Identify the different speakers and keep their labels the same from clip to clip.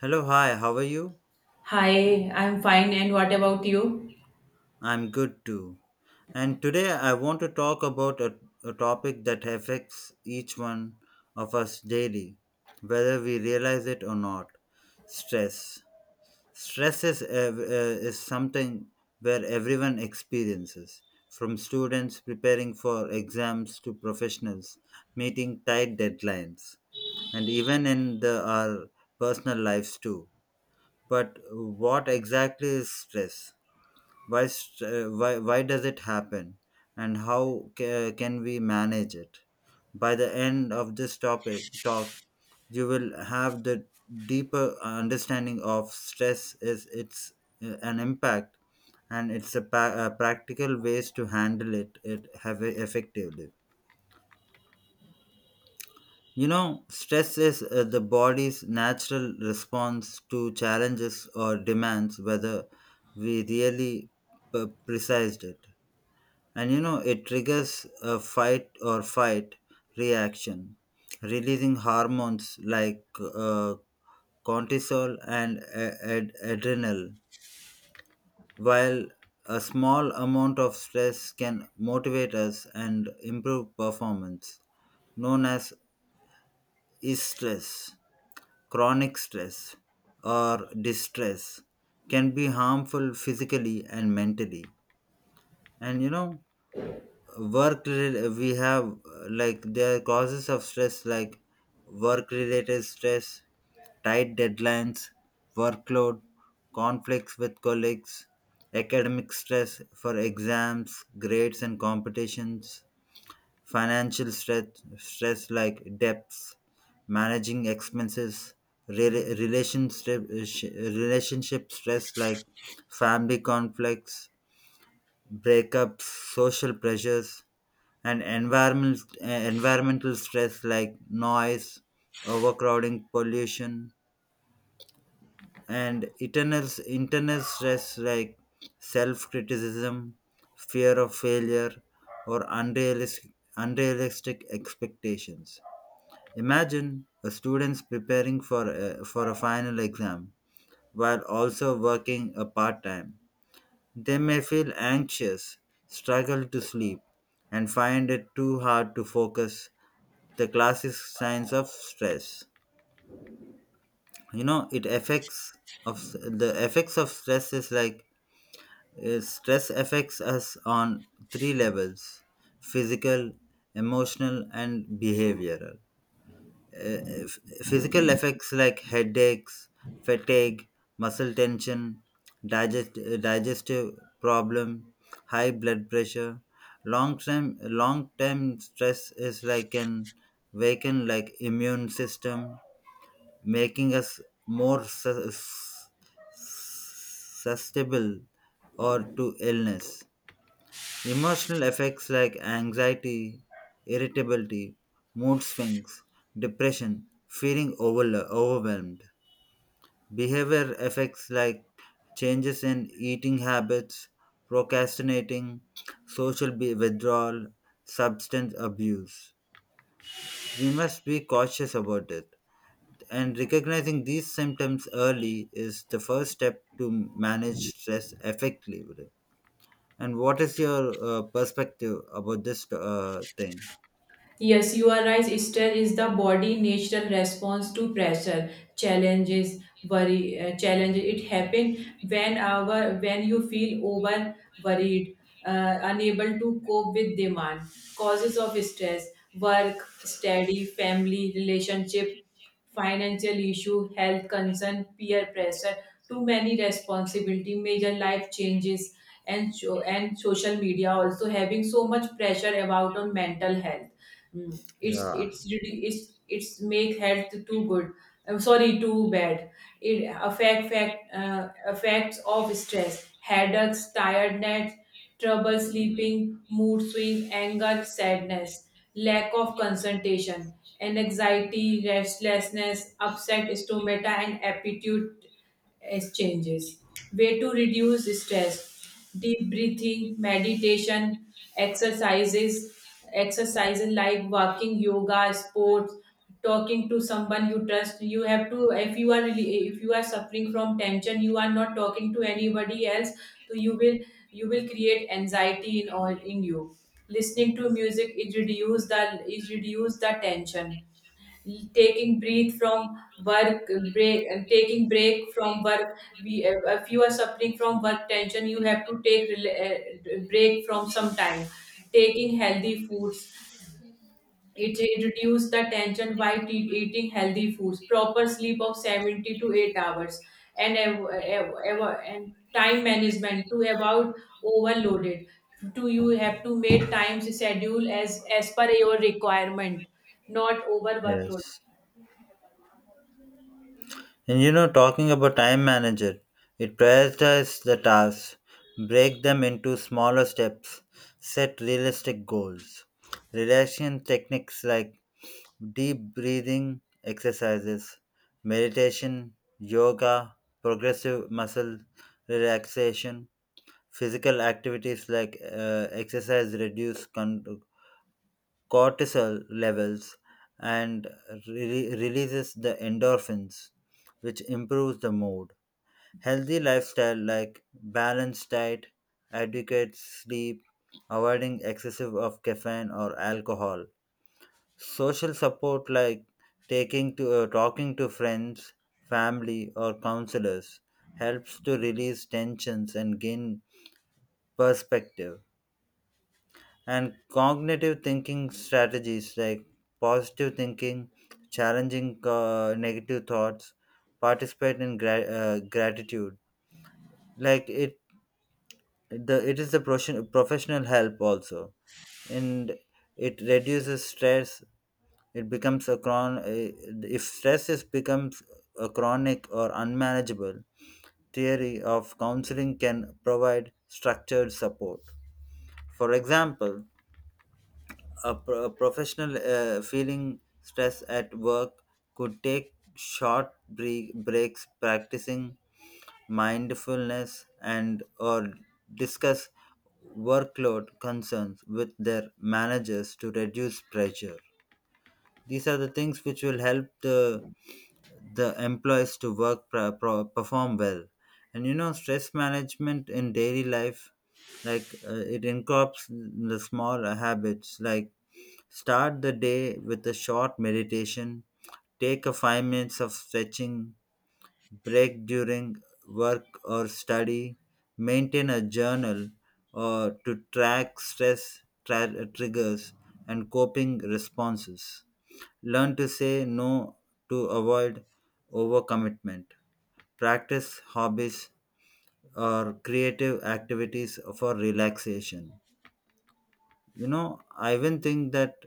Speaker 1: Hello, hi, how are you?
Speaker 2: Hi, I'm fine. And what about you?
Speaker 1: I'm good too. And today I want to talk about a topic that affects each one of us daily, whether we realize it or not, stress. Stress is, is something where everyone experiences, from students preparing for exams to professionals meeting tight deadlines, and even in our personal lives too. But what exactly is stress? Why does it happen? And how can we manage it? By the end of this topic talk, you will have the deeper understanding of stress is its an impact, and it's practical ways to handle it have effectively. You know, stress is the body's natural response to challenges or demands, whether we really precised it. And you know, it triggers a fight or fight reaction, releasing hormones like uh, cortisol and adrenal, while a small amount of stress can motivate us and improve performance, known as stress chronic stress or distress, can be harmful physically and mentally. And you know, work rela- we have like there are causes of stress like work related stress, tight deadlines, workload, conflicts with colleagues, academic stress for exams grades and competitions, financial stress, stress like debts, managing expenses, relationship stress like family conflicts, breakups, social pressures, and environmental stress like noise, overcrowding, pollution, and internal stress like self criticism, fear of failure, or unrealistic expectations. Imagine a student preparing for a final exam while also working a part time. They may feel anxious, struggle to sleep, and find it too hard to focus, the classic signs of stress. You know, it affects of the effects of stress is like stress affects us on three levels: physical, emotional, and behavioral. Physical effects like headaches, fatigue, muscle tension, digestive problem, high blood pressure, long time stress is like can weaken like immune system, making us more susceptible or to illness. Emotional effects like anxiety, irritability, mood swings, depression, feeling overwhelmed. Behavior effects like changes in eating habits, procrastinating, social withdrawal, substance abuse. We must be cautious about it. And recognizing these symptoms early is the first step to manage stress effectively. And what is your perspective about this thing?
Speaker 2: Yes, you are right. Stress is the body' natural response to pressure, challenges, worry, challenges. It happens when our when you feel over worried, unable to cope with demand. Causes of stress: work, study, family, relationship, financial issue, health concern, peer pressure, too many responsibility, major life changes, and so and social media also having so much pressure about on mental health. Mm. It's
Speaker 1: Yeah,
Speaker 2: it's it's make health too good. I'm sorry, too bad. It affect fact effects of stress, headaches, tiredness, trouble sleeping, mood swing, anger, sadness, lack of concentration, and anxiety, restlessness, upset stomata, and appetite exchanges. Way to reduce stress: deep breathing, meditation, exercises, exercises like walking, yoga, sports, talking to someone you trust. You have to, if you are really, if you are suffering from tension, you are not talking to anybody else, so you will create anxiety in all in you. Listening to music, it reduce the tension, taking breathe from taking break from work. We If you are suffering from work tension you have to take break from some time, taking healthy foods. It reduces the tension by eating healthy foods, proper sleep of 70 to 8 hours, and and time management. To about overloaded, to you have to make time schedule as per your requirement, not over workload.
Speaker 1: yes. And you know, talking about time manager, it prioritizes the tasks, break them into smaller steps, set realistic goals. Relaxation techniques like deep breathing exercises, meditation, yoga, progressive muscle relaxation, physical activities like exercise reduce cortisol levels and releases the endorphins, which improves the mood. Healthy lifestyle like balanced diet, adequate sleep, avoiding excessive of caffeine or alcohol. Social support like taking to talking to friends, family or counselors helps to release tensions and gain perspective. And cognitive thinking strategies like positive thinking, challenging negative thoughts, participate in gratitude. Like it, the it is the professional help also, and it reduces stress. It becomes a chron. Eh, If stress is becomes a chronic or unmanageable, theory of counseling can provide structured support. For example, a professional feeling stress at work could take short breaks practicing mindfulness and or discuss workload concerns with their managers to reduce pressure. These are the things which will help the employees to work perform well. And you know, stress management in daily life like it incorporates the small habits like start the day with a short meditation, take a 5 minutes of stretching break during work or study, maintain a journal or to track stress triggers and coping responses. Learn to say no to avoid overcommitment. Practice hobbies or creative activities for relaxation. You know, I even think that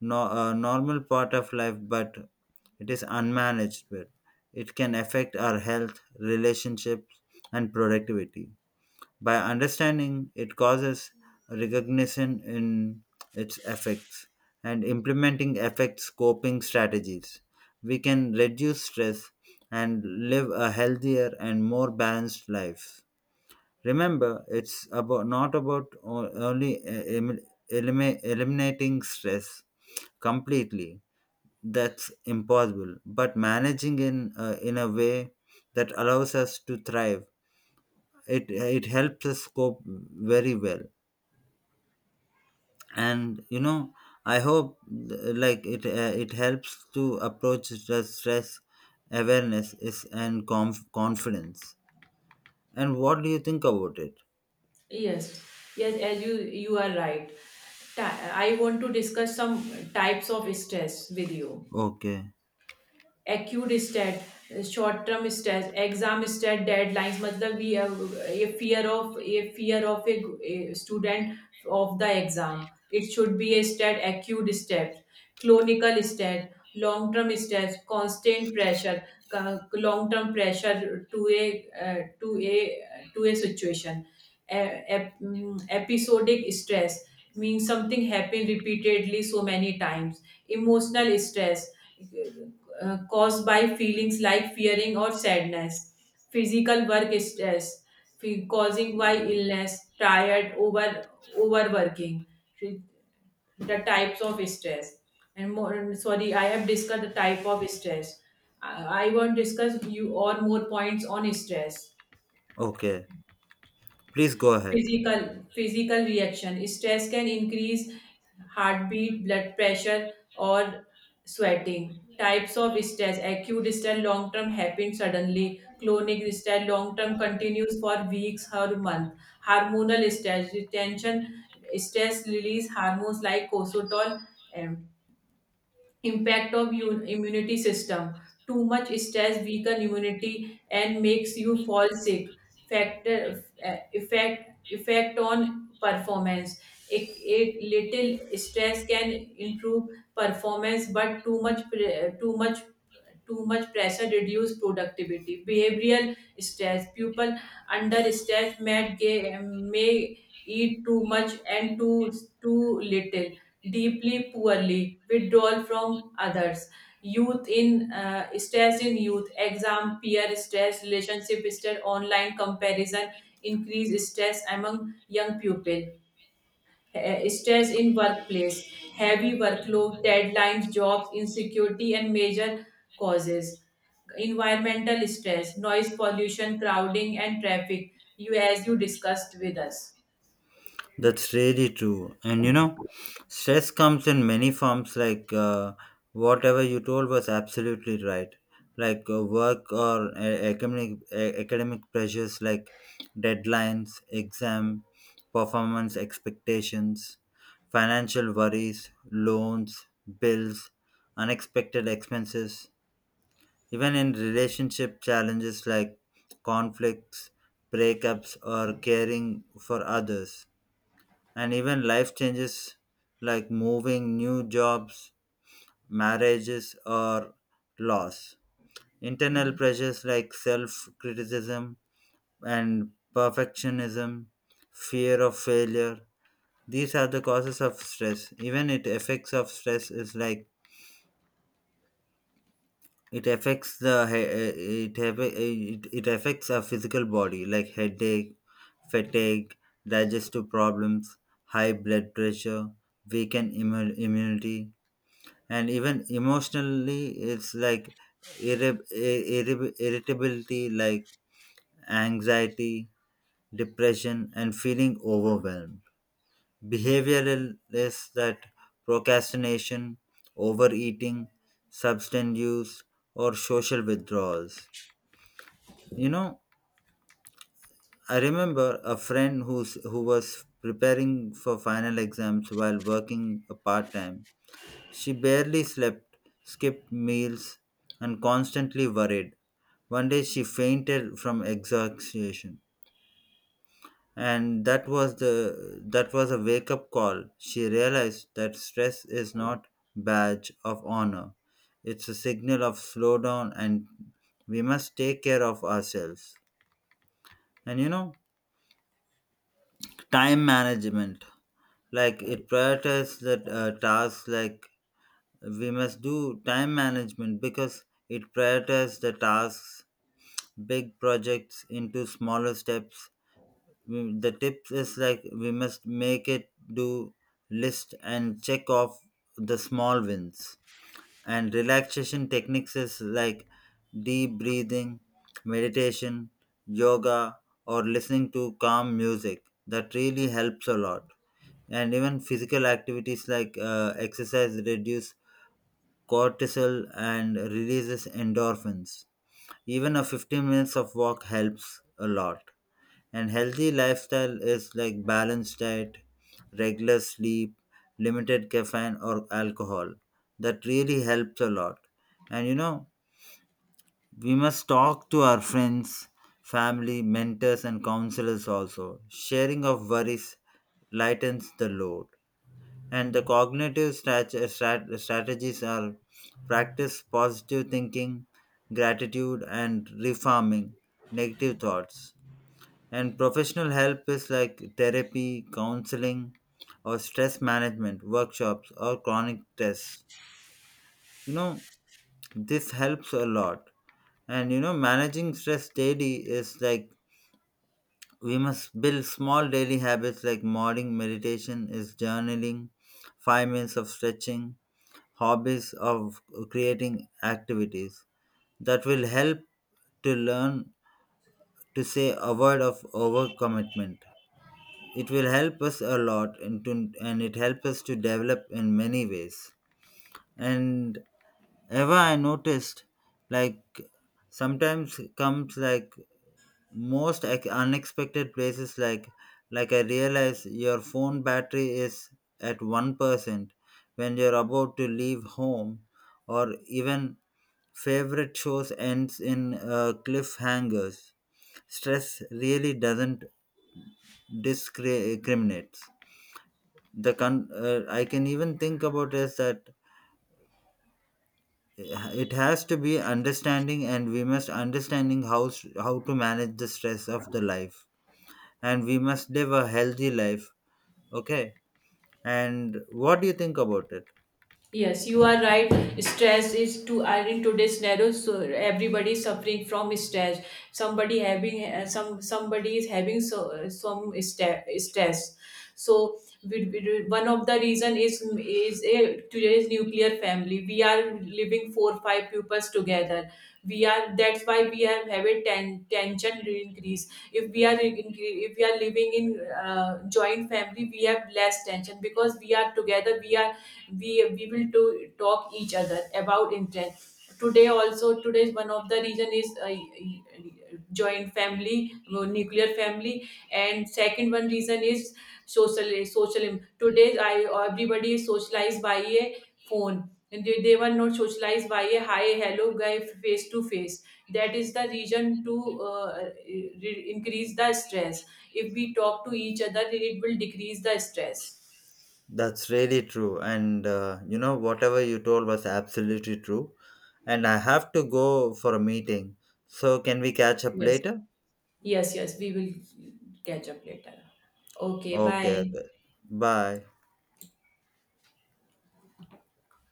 Speaker 1: no, a normal part of life, but it is unmanaged. But it can affect our health, relationships, and productivity. By understanding it causes recognition in its effects and implementing effects coping strategies, we can reduce stress and live a healthier and more balanced life. Remember, it's about not about only eliminating stress completely. That's impossible, but managing in a way that allows us to thrive. It helps us cope very well. And you know, I hope like it helps to approach the stress awareness is and confidence. And what do you think about it?
Speaker 2: Yes, yes, as you are right. I want to discuss some types of stress with you.
Speaker 1: Okay,
Speaker 2: Acute stat, short term stress, exam stress, deadlines मतलब we ये a fear of, a fear of a student of the exam, it should be a stat acute stat. Clinical stat, long term stress, constant pressure, long term pressure to a, to a situation. E- Episodic stress means something happened repeatedly so many times. Emotional stress, caused by feelings like fearing or sadness, physical work stress, causing by illness, tired, overworking, the types of stress. And more, sorry, I have discussed the type of stress. I won't discuss you or more points on stress.
Speaker 1: okay, please go ahead.
Speaker 2: Physical physical reaction. Stress can increase heartbeat, blood pressure, or sweating. Types of stress: acute stress, long term, happens suddenly. Chronic stress, long term, continues for weeks or month. Hormonal stress, retention stress release hormones like cortisol, impact of immunity system. Too much stress weaken immunity and makes you fall sick. Effect on performance, a little stress can improve performance, but too much pressure reduce productivity. Behavioral stress, people under stress may, may eat too much and too little, deeply poorly withdrawal from others. Youth in, stress in youth, exam peer stress, relationship stress, online comparison increase stress among young people. Stress in workplace, heavy workload, deadlines, jobs, insecurity, and major causes. Environmental stress, noise pollution, crowding, and traffic, you as you discussed with us.
Speaker 1: That's really true. And you know, stress comes in many forms, like whatever you told was absolutely right. Like work or academic pressures, like deadlines, exam, performance expectations, financial worries, loans, bills, unexpected expenses, even in relationship challenges like conflicts, breakups, or caring for others, and even life changes like moving, new jobs, marriages, or loss. Internal
Speaker 2: Yes.
Speaker 1: pressures like self criticism and perfectionism, fear of failure, these are the causes of stress. Even it effects of stress is like it affects the he- eh, it affects our physical body like headache, fatigue, digestive problems, high blood pressure, immunity, and even emotionally it's like irritability like anxiety, depression and feeling overwhelmed. Behavioral is that procrastination, overeating, substance use, or social withdrawals. You know, I remember a friend who was preparing for final exams while working a part-time. She barely slept, skipped meals, and constantly worried. One day she fainted from exhaustion, and that was a wake up call. She realized that stress is not badge of honor. It's a signal of slowdown, and we must take care of ourselves. And you know, time management like it prioritizes the tasks like we must do time management because it prioritizes the tasks, big projects into smaller steps. The tip is like we must make it do list and check off the small wins. And relaxation techniques is like deep breathing, meditation, yoga, or listening to calm music. That really helps a lot. And even physical activities like exercise reduce cortisol and releases endorphins. Even a 15 minutes of walk helps a lot. And healthy lifestyle is like balanced diet, regular sleep, limited caffeine or alcohol. That really helps a lot. And you know, we must talk to our friends, family, mentors and counselors also. Sharing of worries lightens the load. And the cognitive strategies are practice positive thinking, gratitude, and refarming negative thoughts. And professional help is like therapy, counseling, or stress management workshops or chronic tests. You know, this helps a lot. And you know, managing stress daily is like we must build small daily habits like morning meditation is journaling, 5 minutes of stretching, hobbies of creating activities that will help to learn to say avoid of overcommitment. It will help us a lot and, to, and it helps us to develop in many ways. And ever I noticed, like sometimes comes, like most unexpected places, like I realize your phone battery is at 1% when you're about to leave home, or even favorite shows ends in cliffhangers. Stress really doesn't discriminate. I can even think about is that it has to be understanding, and we must understanding how to manage the stress of the life, and we must live a healthy life. Okay, and what do you think about it?
Speaker 2: Yes, you are right. Stress is to are in today's scenario, so everybody is suffering from stress. Somebody having some, somebody is having so, some stress. So one of the reason is a, today's nuclear family. We are living 4 5 pupils together. We are that's why we are have a tension increase. If we are living in joint family, we have less tension because we are together. We will to talk each other about intent. Today also, today's one of the reason is joint family, nuclear family. And second one reason is social. Today I everybody is socialized by a phone, and they were not socialized by a hi hello guy face to face. That is the reason to increase the stress. If we talk to each other it will decrease the stress.
Speaker 1: That's really true. And you know, whatever you told was absolutely true. And I have to go for a meeting. So, can we catch up
Speaker 2: Yes.
Speaker 1: later?
Speaker 2: Yes, yes, we will catch up later. Okay, bye.
Speaker 1: Okay, okay. Bye.